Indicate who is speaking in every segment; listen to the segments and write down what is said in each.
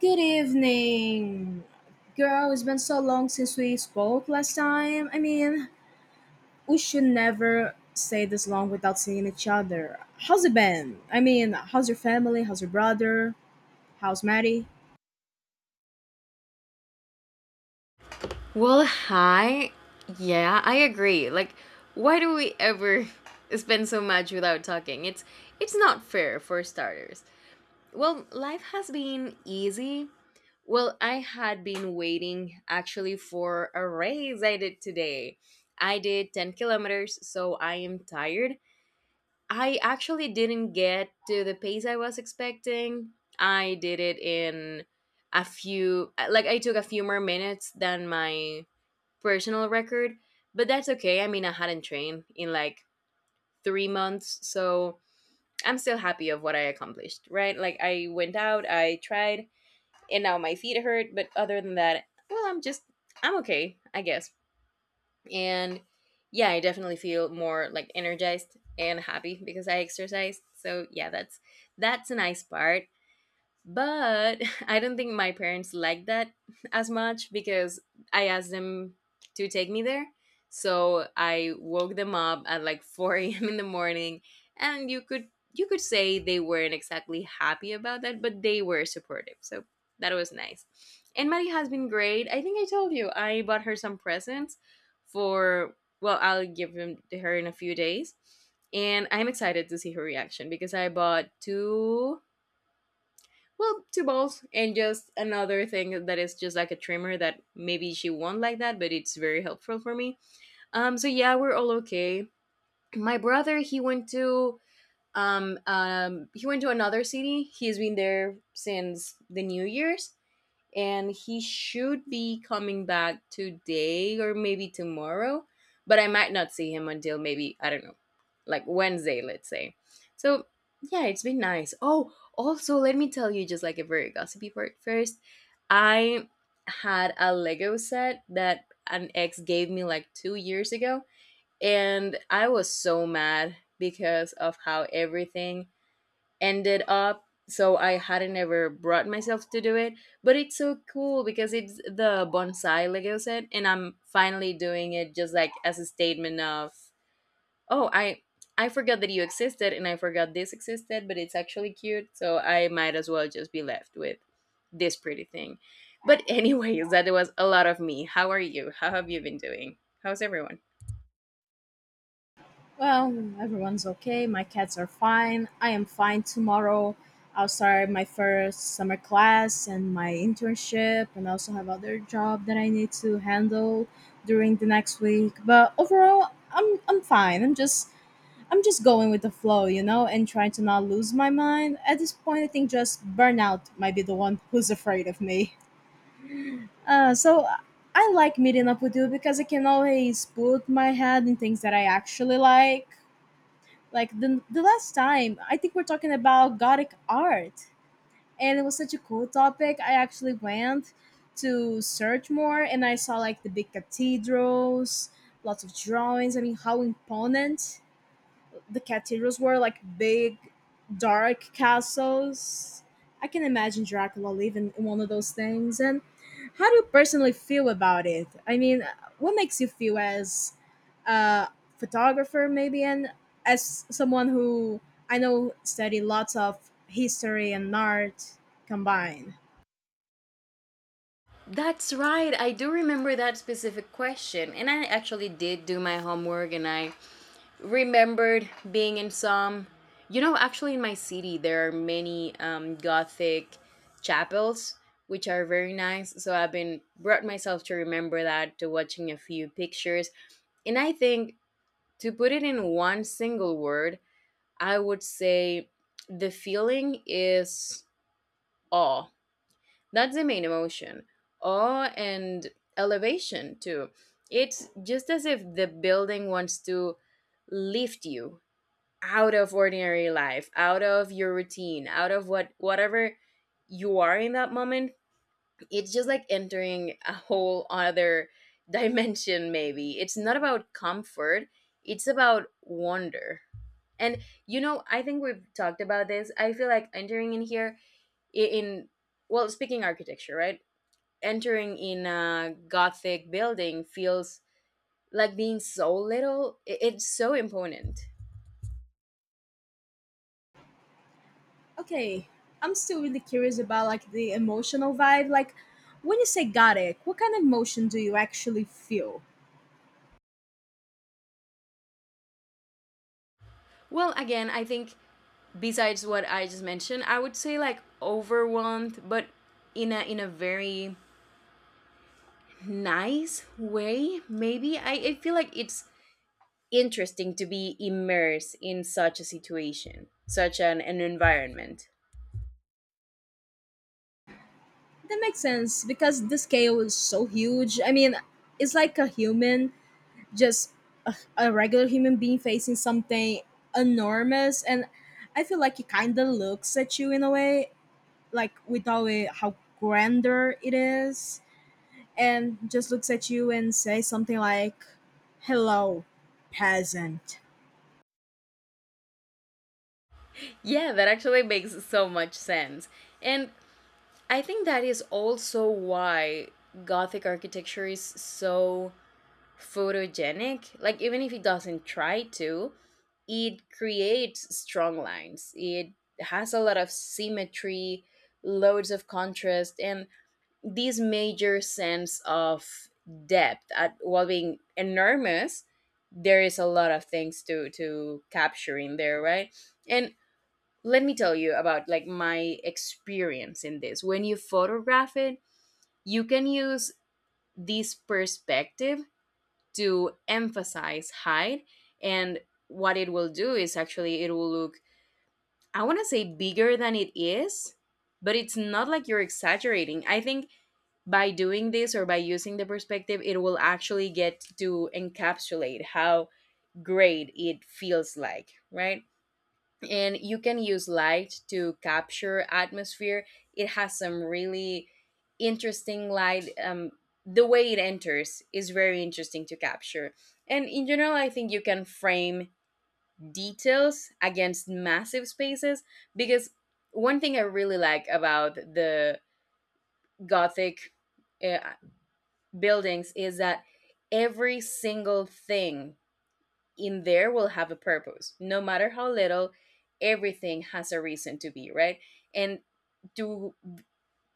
Speaker 1: Good evening. Girl, it's been so long since we spoke last time. I mean, we should never say this long without seeing each other. How's it been? I mean, how's your family? How's your brother? How's Maddie?
Speaker 2: Well, hi. Yeah, I agree. Like, why do we ever spend so much without talking? It's not fair for starters. Well, life has been easy. Well, I had been waiting actually for a race I did today. I did 10 kilometers, so I am tired. I actually didn't get to the pace I was expecting. I did it in a few like I took a few more minutes than my personal record, but that's okay. I mean, I hadn't trained in like 3 months, so I'm still happy of what I accomplished, right? Like I went out, I tried, and now my feet hurt, but other than that, well, I'm okay, I guess. And yeah, I definitely feel more like energized and happy because I exercised. So yeah, that's a nice part, but I don't think my parents liked that as much, because I asked them to take me there, so I woke them up at like 4 a.m. in the morning. And you could say they weren't exactly happy about that, but they were supportive, so that was nice. And Maddie has been great. I think I told you I bought her some presents for, well, I'll give them to her in a few days, and I'm excited to see her reaction because I bought two, well, two balls and just another thing that is just like a trimmer. That maybe she won't like that, but it's very helpful for me. So yeah, we're all okay. My brother, he went to another city. He's been there since the New Year's, and he should be coming back today or maybe tomorrow, but I might not see him until maybe, I don't know, like Wednesday, let's say. So yeah, it's been nice. Oh, also, let me tell you just like a very gossipy part first. I had a Lego set that an ex gave me like 2 years ago, and I was so mad because of how everything ended up, so I hadn't ever brought myself to do it. But it's so cool because it's the bonsai, like I said, and I'm finally doing it just like as a statement of, oh, I forgot that you existed and I forgot this existed, but it's actually cute, so I might as well just be left with this pretty thing. But anyways, that was a lot of me. How are you? How have you been doing? How's everyone?
Speaker 1: Well, everyone's okay. My cats are fine. I am fine tomorrow. I'll start my first summer class and my internship, and also have other job that I need to handle during the next week. But overall, I'm fine. I'm just going with the flow, you know, and trying to not lose my mind. At this point, I think just burnout might be the one who's afraid of me. So I like meeting up with you because I can always put my head in things that I actually like. Like the last time, I think we're talking about Gothic art, and it was such a cool topic. I actually went to search more and I saw like the big cathedrals, lots of drawings. I mean, how imponent the cathedrals were like big, dark castles. I can imagine Dracula living in one of those things. And how do you personally feel about it? I mean, what makes you feel as a photographer, maybe, and as someone who I know study lots of history and art combined?
Speaker 2: That's right. I do remember that specific question. And I actually did do my homework, and I remembered being in some, you know, actually in my city there are many gothic chapels which are very nice, so I've been brought myself to remember that, to watching a few pictures. And I think, to put it in one single word, I would say the feeling is awe. That's the main emotion. Awe and elevation too. It's just as if the building wants to lift you out of ordinary life, out of your routine, out of what, whatever you are in that moment. It's just like entering a whole other dimension. Maybe it's not about comfort, it's about wonder. And you know, I think we've talked about this. I feel like entering in here, I- in well, speaking architecture, right, entering in a gothic building feels like being so little. It's so imponent.
Speaker 1: Okay, I'm still really curious about like the emotional vibe. Like, when you say gothic, what kind of emotion do you actually feel?
Speaker 2: Well, again, I think besides what I just mentioned, I would say like overwhelmed, but in a very nice way. Maybe I feel like it's interesting to be immersed in such a situation, such an environment.
Speaker 1: That makes sense because the scale is so huge. I mean, it's like a human, just a regular human being facing something enormous. And I feel like it kind of looks at you in a way, like with all it, how grander it is, and just looks at you and says something like, "Hello, peasant."
Speaker 2: Yeah, that actually makes so much sense. And I think that is also why Gothic architecture is so photogenic. Like even if he doesn't try to, it creates strong lines. It has a lot of symmetry, loads of contrast, and this major sense of depth at while being enormous. There is a lot of things to capture in there, right? And let me tell you about like my experience in this. When you photograph it, you can use this perspective to emphasize height. And what it will do is actually, it will look, I want to say, bigger than it is, but it's not like you're exaggerating. I think by doing this, or by using the perspective, it will actually get to encapsulate how great it feels like, right? And you can use light to capture atmosphere. It has some really interesting light. The way it enters is very interesting to capture. And in general, I think you can frame details against massive spaces, because one thing I really like about the Gothic uh, buildings is that every single thing in there will have a purpose. No matter how little, everything has a reason to be, right? And to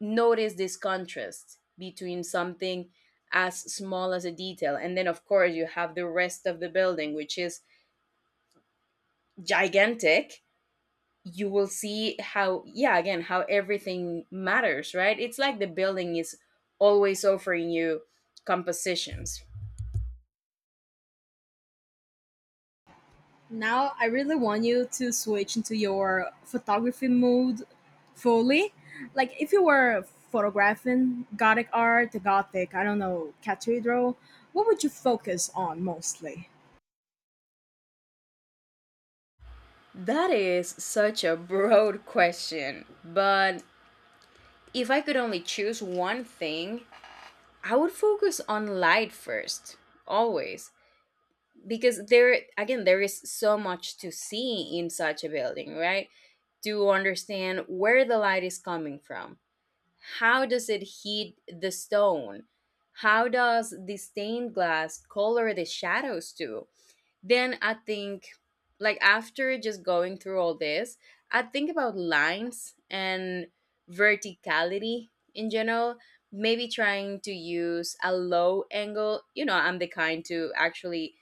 Speaker 2: notice this contrast between something as small as a detail. And then, of course, you have the rest of the building, which is gigantic. You will see how, yeah, again, how everything matters, right? It's like the building is always offering you compositions.
Speaker 1: Now I really want you to switch into your photography mode fully. Like if you were photographing Gothic art, the Gothic, I don't know, cathedral, what would you focus on mostly?
Speaker 2: That is such a broad question, but if I could only choose one thing, I would focus on light first, always. Because there, again, there is so much to see in such a building, right? To understand where the light is coming from. How does it heat the stone? How does the stained glass color the shadows too? Then I think, like, after just going through all this, I think about lines and verticality in general. Maybe trying to use a low angle. You know, I'm the kind to actually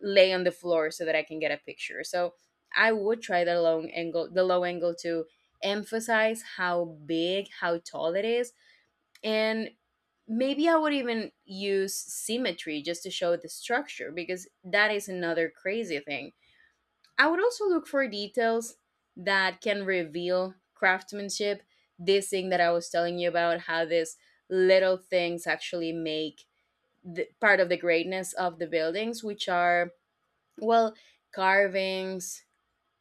Speaker 2: lay on the floor so that I can get a picture. So I would try the low angle to emphasize how big, how tall it is, and maybe I would even use symmetry just to show the structure, because that is another crazy thing. I would also look for details that can reveal craftsmanship. This thing that I was telling you about, how these little things actually make the, part of the greatness of the buildings, which are, well, carvings,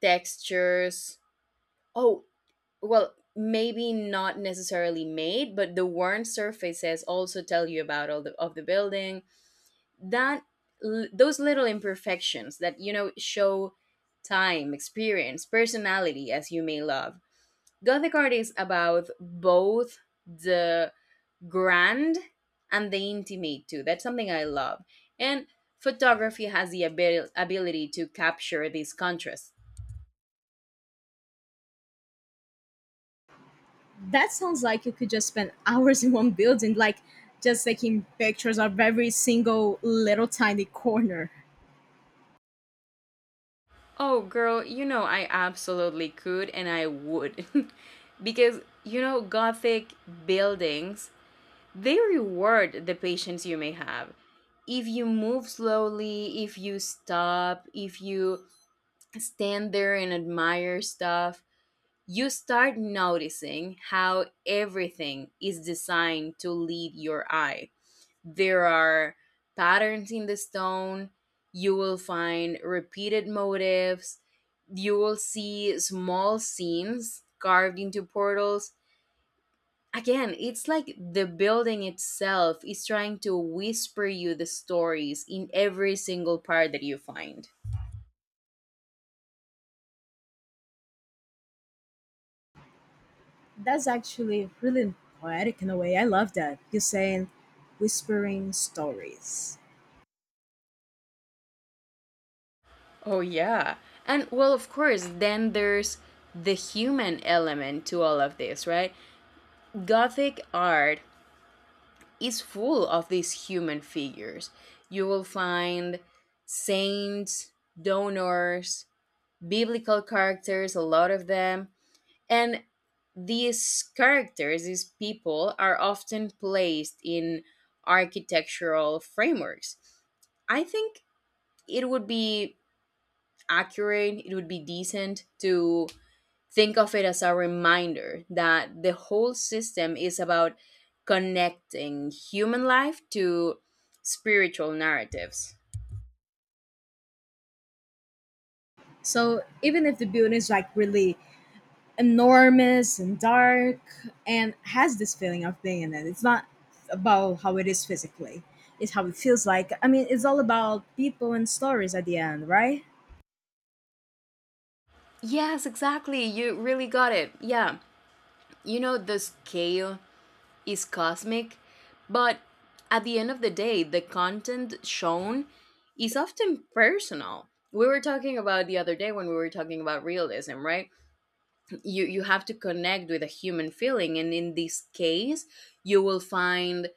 Speaker 2: textures. Oh, well, maybe not necessarily made, but the worn surfaces also tell you about all the of the building. That, those little imperfections that, you know, show time, experience, personality. As you may love, gothic art is about both the grand and the intimate too. That's something I love. And photography has the ability to capture these contrasts.
Speaker 1: That sounds like you could just spend hours in one building, like just taking pictures of every single little tiny corner.
Speaker 2: Oh, girl, you know I absolutely could and I would. Because, you know, Gothic buildings, they reward the patience you may have. If you move slowly, if you stop, if you stand there and admire stuff, you start noticing how everything is designed to lead your eye. There are patterns in the stone. You will find repeated motifs. You will see small scenes carved into portals. Again, it's like the building itself is trying to whisper you the stories in every single part that you find.
Speaker 1: That's actually really poetic in a way. I love that. You're saying whispering stories.
Speaker 2: Oh, yeah. And well, of course, then there's the human element to all of this, right? Gothic art is full of these human figures. You will find saints, donors, biblical characters, a lot of them. And these characters, these people, are often placed in architectural frameworks. I think it would be accurate, it would be decent to think of it as a reminder that the whole system is about connecting human life to spiritual narratives.
Speaker 1: So even if the building is like really enormous and dark and has this feeling of being in it. It's not about how it is physically, it's how it feels like. I mean, it's all about people and stories at the end, right?
Speaker 2: Yes, exactly. You really got it. Yeah. You know, the scale is cosmic, but at the end of the day, the content shown is often personal. We were talking about the other day when we were talking about realism, right? You have to connect with a human feeling, and in this case, you will find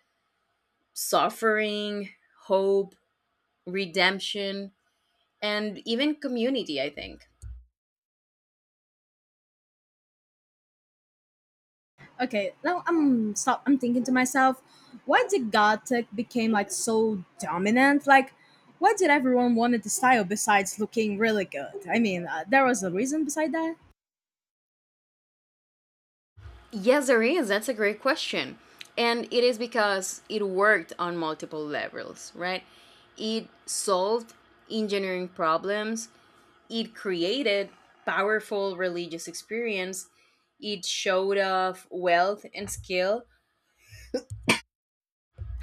Speaker 2: suffering, hope, redemption, and even community, I think?
Speaker 1: Okay, now I'm thinking to myself, why did Gothic became like so dominant? Like why did everyone wanted the style besides looking really good? I mean, there was a reason beside that.
Speaker 2: Yes, there is. That's a great question. And it is because it worked on multiple levels, right? It solved engineering problems, it created powerful religious experience, it showed off wealth and skill,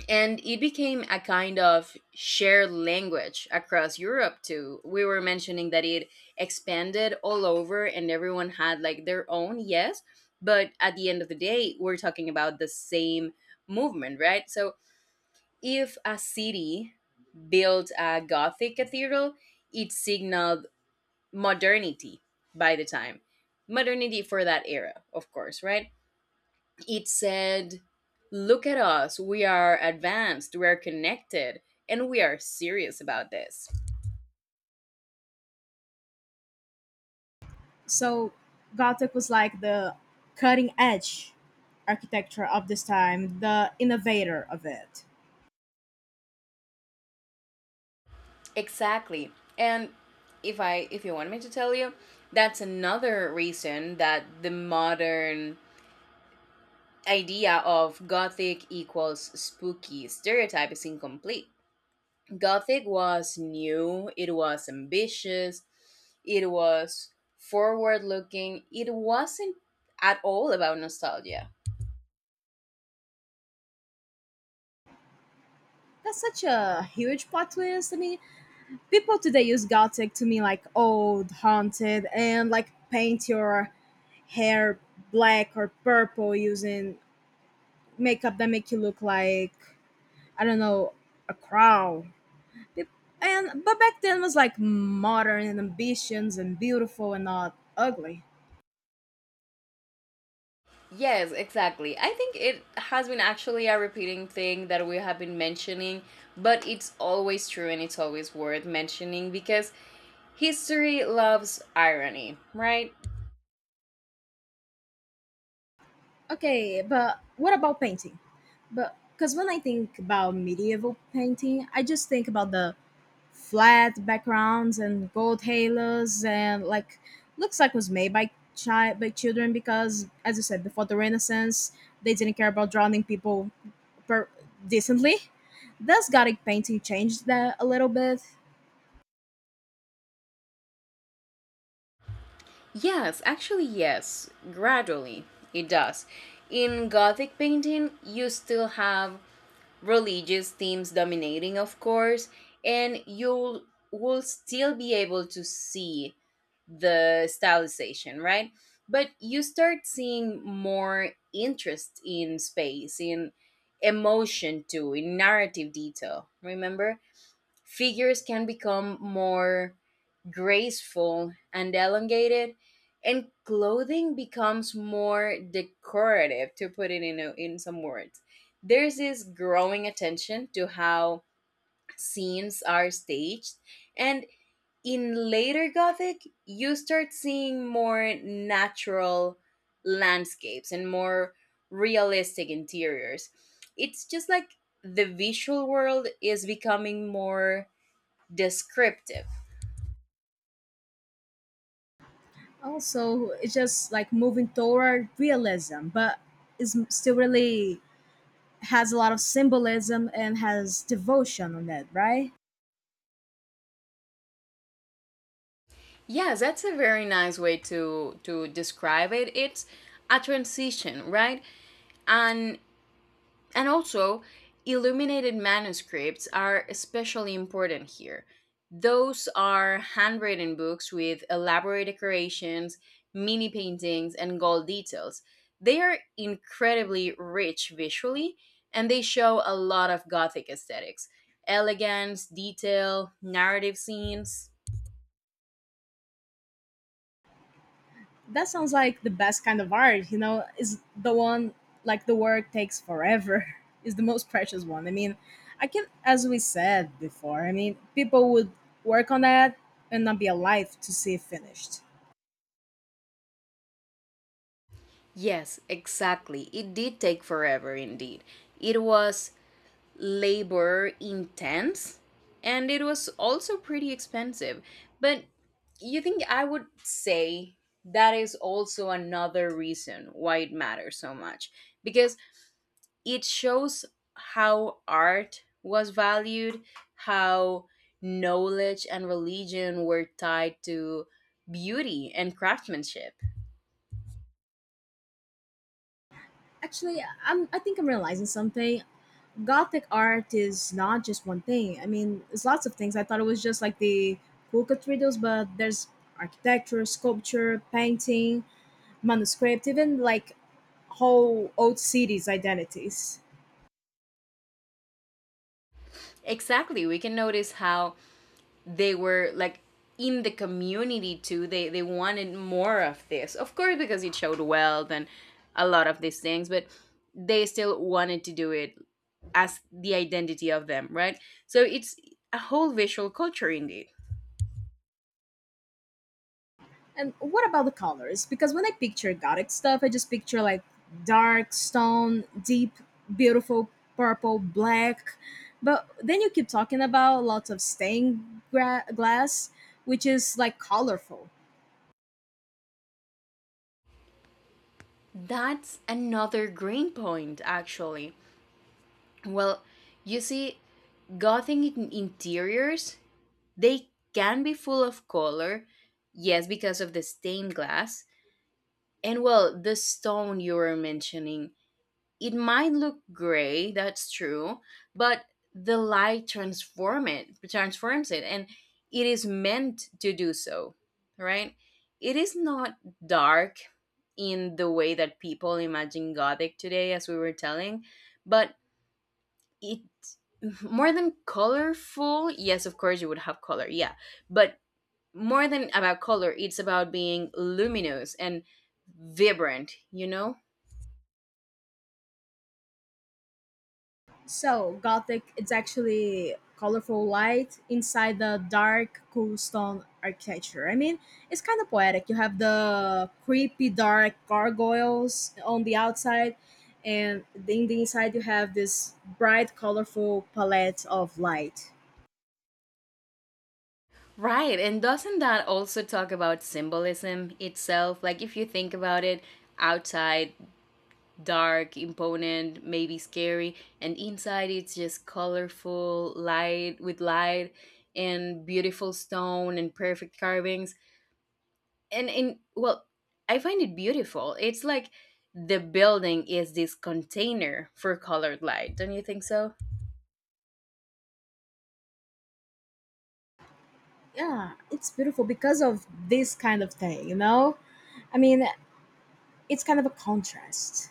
Speaker 2: and it became a kind of shared language across Europe too. We were mentioning that it expanded all over and everyone had like their own, yes, but at the end of the day, we're talking about the same movement, right? So if a city built a Gothic cathedral, it signaled modernity by the time. Modernity for that era, of course, right? It said, look at us, we are advanced, we are connected, and we are serious about this.
Speaker 1: So Gothic was like the cutting edge architecture of this time, the innovator of it.
Speaker 2: Exactly. And if you want me to tell you, that's another reason that the modern idea of gothic equals spooky stereotype is incomplete. Gothic was new, it was ambitious, it was forward looking, it wasn't at all about nostalgia.
Speaker 1: That's such a huge plot twist. I mean, people today use Gothic to mean like old, haunted, and like paint your hair black or purple using makeup that make you look like I don't know a crow. Pe- And but back then was like modern and ambitions and beautiful and not ugly.
Speaker 2: Yes, exactly. I think it has been actually a repeating thing that we have been mentioning, but it's always true and it's always worth mentioning because history loves irony, right?
Speaker 1: Okay, but what about painting? But because when I think about medieval painting, I just think about the flat backgrounds and gold halos and like looks like was made by children because as you said before the Renaissance they didn't care about drowning people per- decently. Does Gothic painting change that a little bit?
Speaker 2: Yes, actually, yes. Gradually, it does. In Gothic painting, you still have religious themes dominating, of course, and you will still be able to see the stylization, right? But you start seeing more interest in space, in emotion too, in narrative detail. Remember, figures can become more graceful and elongated, and clothing becomes more decorative, to put it in, a, in some words. There's this growing attention to how scenes are staged and in later Gothic, you start seeing more natural landscapes and more realistic interiors. It's just like the visual world is becoming more descriptive.
Speaker 1: Also, it's just like moving toward realism, but is still really has a lot of symbolism and has devotion on it, right?
Speaker 2: Yes, that's a very nice way to describe it. It's a transition, right? And And also, illuminated manuscripts are especially important here. Those are handwritten books with elaborate decorations, mini paintings, and gold details. They are incredibly rich visually, and they show a lot of Gothic aesthetics elegance, detail, narrative scenes.
Speaker 1: That sounds like the best kind of art, you know, is the one like the work takes forever, is the most precious one. I mean, I can, as we said before, I mean, people would work on that and not be alive to see it finished.
Speaker 2: Yes, exactly. It did take forever indeed. It was labor intense and it was also pretty expensive. But you think I would say that is also another reason why it matters so much because it shows how art was valued, how knowledge and religion were tied to beauty and craftsmanship.
Speaker 1: Actually, I think I'm realizing something. Gothic art is not just one thing. I mean, it's lots of things. I thought it was just like the cool cathedrals, but there's architecture, sculpture, painting, manuscript, even like whole old cities' identities.
Speaker 2: Exactly, we can notice how they were like in the community too. They wanted more of this, of course, because it showed wealth and a lot of these things, but they still wanted to do it as the identity of them, right? So it's a whole visual culture indeed.
Speaker 1: And what about the colors? Because when I picture Gothic stuff, I just picture like dark stone, deep, beautiful purple, black. But then you keep talking about lots of stained glass, which is like colorful.
Speaker 2: That's another green point, actually. Well, you see, gothic interiors, they can be full of color, yes, because of the stained glass. And well, the stone you were mentioning, it might look gray, that's true, but the light transforms it, and it is meant to do so, right? It is not dark in the way that people imagine gothic today, as we were telling, but it more than colorful. Yes, of course, you would have color, yeah, but more than about color, it's about being luminous and vibrant, you know?
Speaker 1: So, Gothic, it's actually colorful light inside the dark, cool stone architecture. I mean, it's kind of poetic. You have the creepy, dark gargoyles on the outside, and in the inside, you have this bright, colorful palette of light.
Speaker 2: Right. And doesn't that also talk about symbolism itself? Like, if you think about it, outside, dark, imponent, maybe scary, and inside, it's just colorful, light with light, and beautiful stone and perfect carvings. And in, well, I find it beautiful. It's like the building is this container for colored light. Don't you think so?
Speaker 1: Yeah, it's beautiful because of this kind of thing, you know? I mean, it's kind of a contrast.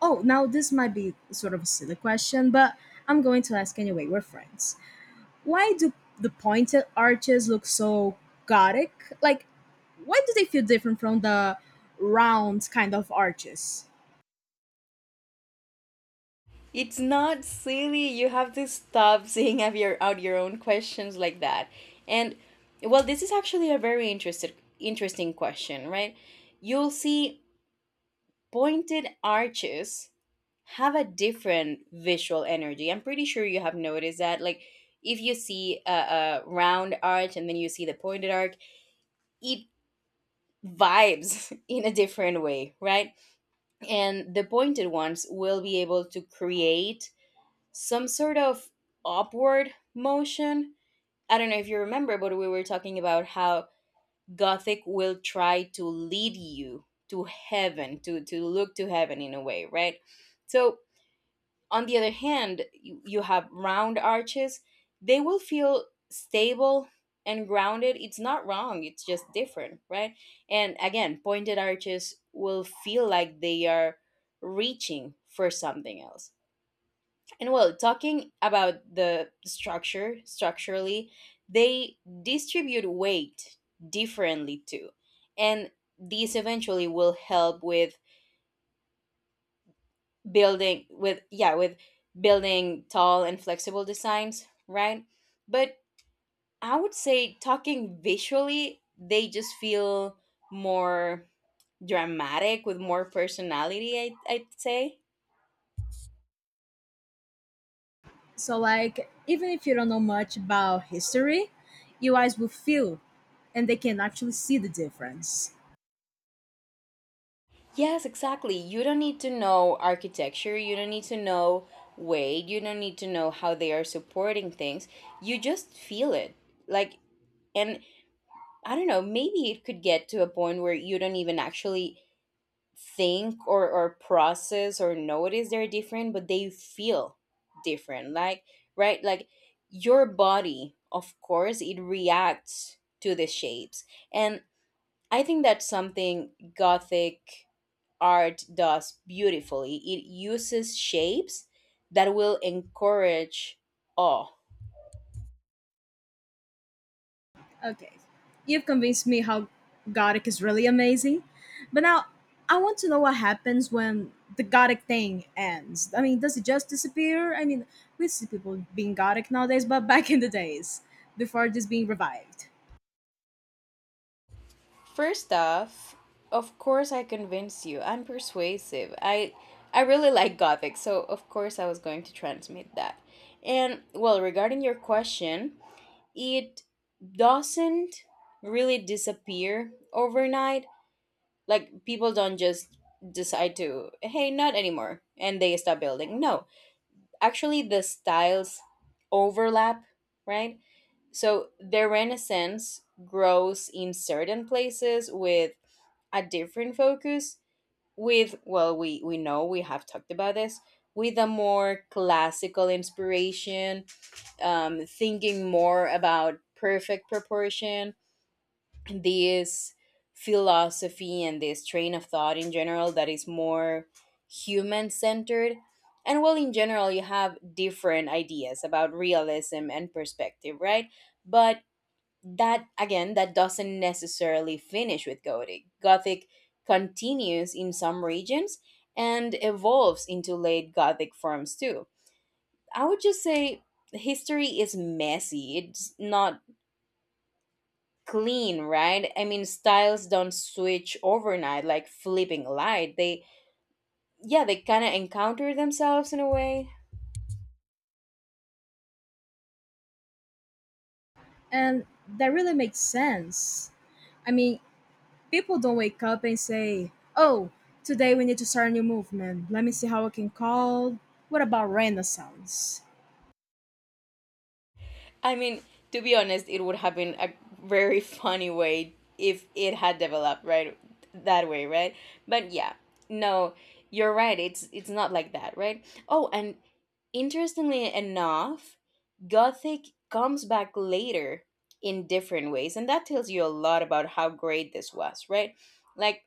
Speaker 1: Oh, now this might be sort of a silly question, but I'm going to ask anyway. We're friends. Why do the pointed arches look so gothic? Like, why do they feel different from the round kind of arches?
Speaker 2: It's not silly. You have to stop seeing out your own questions like that. And well, this is actually a very interesting question, right? You'll see pointed arches have a different visual energy. I'm pretty sure you have noticed that. Like, if you see a round arch and then you see the pointed arc, it vibes in a different way, right? And the pointed ones will be able to create some sort of upward motion. I don't know if you remember, but we were talking about how Gothic will try to lead you to heaven, to look to heaven in a way, right? So, on the other hand, you have round arches, they will feel stable and grounded. It's not wrong, it's just different, right? And again, pointed arches will feel like they are reaching for something else and well, talking about the structurally, they distribute weight differently too. And these eventually will help with building with building tall and flexible designs, right? But I would say talking visually, they just feel more dramatic with more personality, I'd say.
Speaker 1: So, like, even if you don't know much about history, you guys will feel and they can actually see the difference.
Speaker 2: Yes, exactly. You don't need to know architecture, you don't need to know weight, you don't need to know how they are supporting things. You just feel it. Like, and I don't know, maybe it could get to a point where you don't even actually think or process or notice they're different, but they feel different. Like, right? Like, your body, of course, it reacts to the shapes. And I think that's something gothic art does beautifully. It uses shapes that will encourage awe.
Speaker 1: Okay. You've convinced me how Gothic is really amazing. But now I want to know what happens when the Gothic thing ends. I mean, does it just disappear? I mean, we see people being Gothic nowadays, but back in the days, before this being revived.
Speaker 2: First off, of course I convinced you. I'm persuasive. I really like gothic, so of course I was going to transmit that. And well, regarding your question, it doesn't really disappear overnight. Like people don't just decide to, hey, not anymore, and they stop building. No, actually the styles overlap, right? So the Renaissance grows in certain places with a different focus, with, well, we know we have talked about this, with a more classical inspiration, thinking more about perfect proportion this philosophy and this train of thought in general that is more human centered. And well, in general, you have different ideas about realism and perspective, right? But that, again, that doesn't necessarily finish with Gothic. Gothic continues in some regions and evolves into late Gothic forms too. I would just say history is messy, it's not clean, right? I mean styles don't switch overnight like flipping a light, they, yeah, they kind of encounter themselves in a way.
Speaker 1: And that really makes sense. I mean, people don't wake up and say, oh, today we need to start a new movement. Let me see how I can call. What about Renaissance?
Speaker 2: I mean, to be honest, it would have been a very funny way if it had developed right that way, right? But yeah, no, you're right, it's not like that, right? Oh, and interestingly enough, gothic comes back later in different ways, and that tells you a lot about how great this was, right? Like,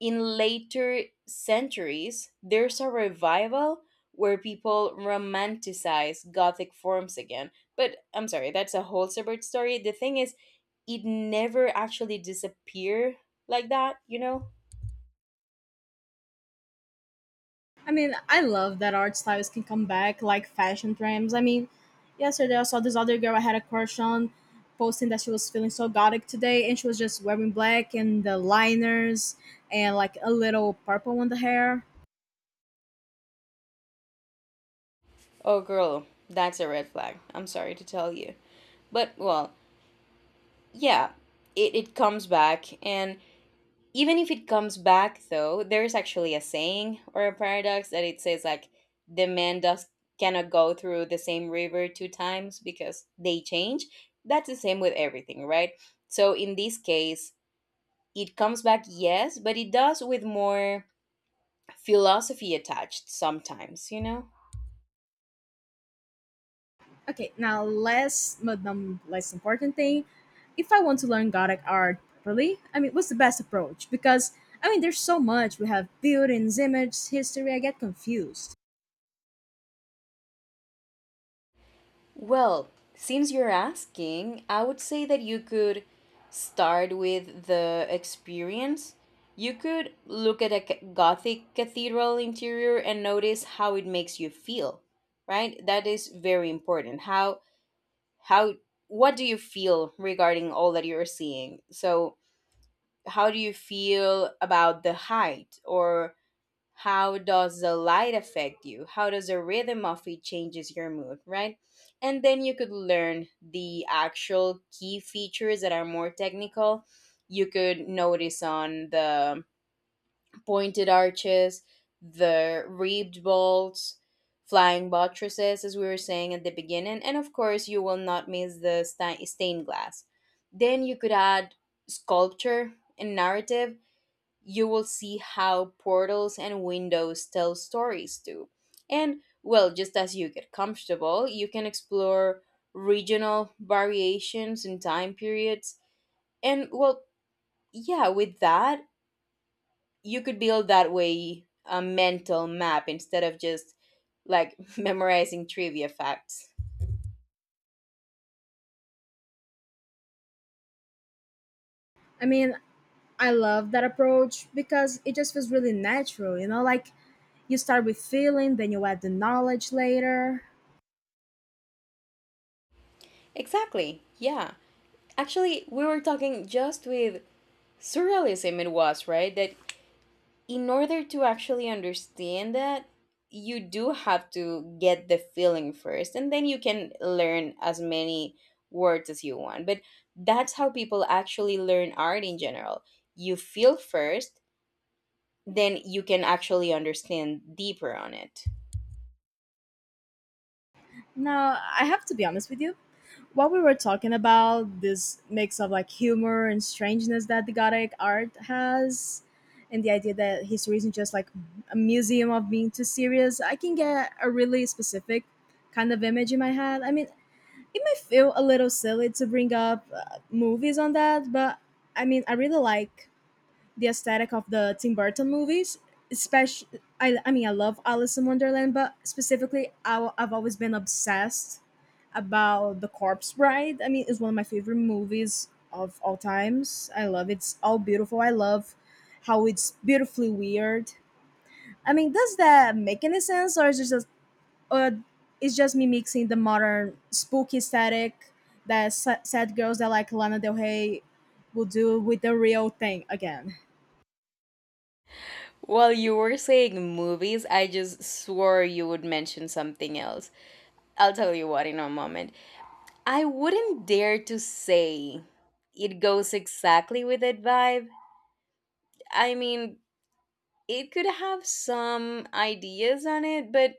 Speaker 2: in later centuries, there's a revival where people romanticize Gothic forms again. But I'm sorry, that's a whole separate story. The thing is, it never actually disappeared like that, you know?
Speaker 1: I mean, I love that art styles can come back like fashion trends. I mean, yesterday I saw this other girl I had a crush on posting that she was feeling so gothic today and she was just wearing black and the liners and like a little purple on the hair.
Speaker 2: Oh, girl, that's a red flag. I'm sorry to tell you. But, well, yeah, it comes back, and even if it comes back, though, there is actually a saying or a paradox that it says, like, the man does cannot go through the same river two times because they change. That's the same with everything, right? So in this case, it comes back, yes, but it does with more philosophy attached sometimes, you know?
Speaker 1: Okay, now less but not less important thing, if I want to learn gothic art properly, I mean, what's the best approach? Because I mean, there's so much. We have buildings, images, history. I get confused.
Speaker 2: Well, since you're asking, I would say that you could start with the experience. You could look at a Gothic cathedral interior and notice how it makes you feel, right? That is very important. How what do you feel regarding all that you're seeing? So, how do you feel about the height, or how does the light affect you, how does the rhythm of it changes your mood, right? And then you could learn the actual key features that are more technical. You could notice on the pointed arches, the reeved bolts, flying buttresses as we were saying at the beginning, and of course you will not miss the stained glass. Then you could add sculpture and narrative. You will see how portals and windows tell stories too. And well, just as you get comfortable, you can explore regional variations and time periods. And well, yeah, with that, you could build that way a mental map instead of just like memorizing trivia facts.
Speaker 1: I mean, I love that approach because it just feels really natural, you know, like you start with feeling, then you add the knowledge later.
Speaker 2: Exactly. Yeah. Actually, we were talking just with surrealism it was, right? That in order to actually understand that you do have to get the feeling first, and then you can learn as many words as you want, but that's how people actually learn art in general. You feel first, then you can actually understand deeper on it.
Speaker 1: Now, I have to be honest with you. What we were talking about, this mix of like humor and strangeness that the Gothic art has, and the idea that history isn't just like a museum of being too serious, I can get a really specific kind of image in my head. I mean, it may feel a little silly to bring up movies on that, but I mean, I really like the aesthetic of the Tim Burton movies. Especially, I mean, I love Alice in Wonderland, but specifically, I've always been obsessed about The Corpse Bride. I mean, it's one of my favorite movies of all times. I love it. It's all beautiful. I love how it's beautifully weird. I mean, does that make any sense, or or it's just me mixing the modern spooky aesthetic that sad girls that like Lana Del Rey will do with the real thing again?
Speaker 2: While you were saying movies, I just swore you would mention something else. I'll tell you what in a moment. I wouldn't dare to say it goes exactly with that vibe. I mean, it could have some ideas on it, but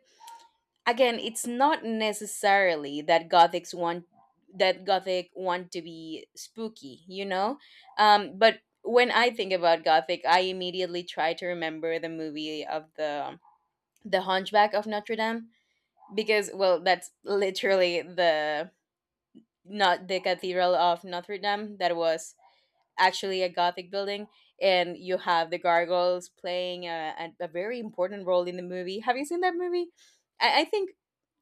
Speaker 2: again, it's not necessarily that gothics want that gothic want to be spooky, you know? Um, but when I think about gothic, I immediately try to remember the movie of the Hunchback of Notre Dame, because well, that's literally the, not the Cathedral of Notre Dame that was actually a gothic building, and you have the gargoyles playing a very important role in the movie. Have you seen that movie? I think,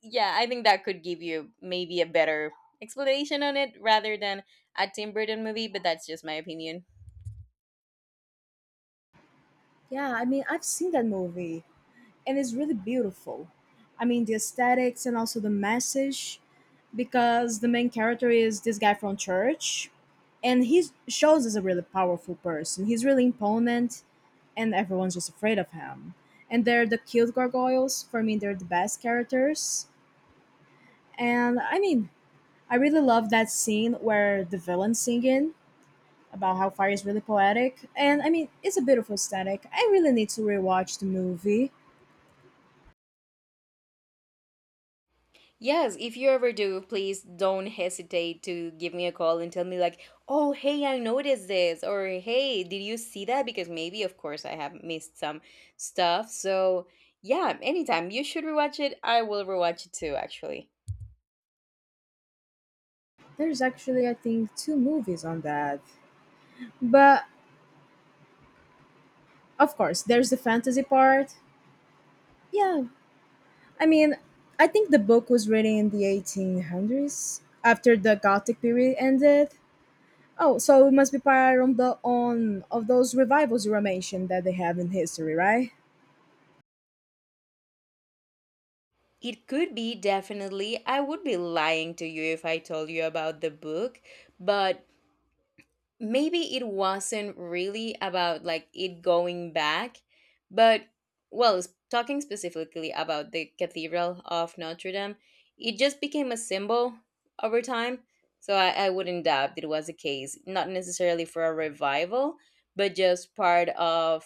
Speaker 2: yeah, I think that could give you maybe a better explanation on it rather than a Tim Burton movie, but that's just my opinion.
Speaker 1: Yeah, I mean, I've seen that movie and it's really beautiful. I mean, the aesthetics and also the message because the main character is this guy from church and he shows as a really powerful person. He's really imponent and everyone's just afraid of him. And they're the cute gargoyles. For me, they're the best characters. And I mean, I really love that scene where the villain's singing about how fire is really poetic. And I mean, it's a beautiful aesthetic. I really need to rewatch the movie.
Speaker 2: Yes, if you ever do, please don't hesitate to give me a call and tell me, like, oh, hey, I noticed this, or hey, did you see that? Because maybe, of course, I have missed some stuff. So, yeah, anytime you should rewatch it, I will rewatch it too, actually.
Speaker 1: There's actually, I think, two movies on that. But of course, there's the fantasy part. Yeah. I mean, I think the book was written in the 1800s after the Gothic period ended. Oh, so it must be part on the on of those revivals you were mentioned that they have in history, right?
Speaker 2: It could be definitely. I would be lying to you if I told you about the book, but maybe it wasn't really about like it going back, but well, talking specifically about the Cathedral of Notre Dame, it just became a symbol over time. So I wouldn't doubt it was the case, not necessarily for a revival, but just part of,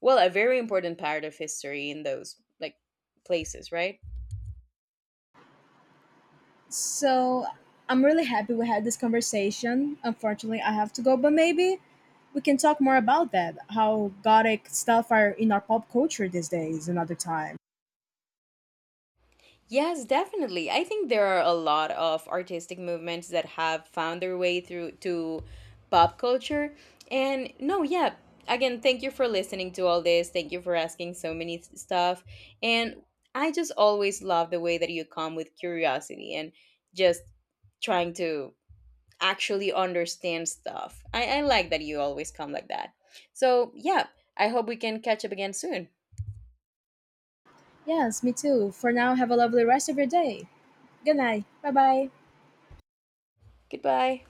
Speaker 2: well, a very important part of history in those like places, right?
Speaker 1: So I'm really happy we had this conversation. Unfortunately, I have to go, but maybe we can talk more about that. How gothic stuff are in our pop culture these days another time.
Speaker 2: Yes, definitely. I think there are a lot of artistic movements that have found their way through to pop culture. And no, yeah, again, thank you for listening to all this. Thank you for asking so many stuff. And I just always love the way that you come with curiosity and just trying to actually understand stuff. I like that you always come like that. So, yeah, I hope we can catch up again soon.
Speaker 1: Yes, me too. For now, have a lovely rest of your day. Good night. Bye bye.
Speaker 2: Goodbye.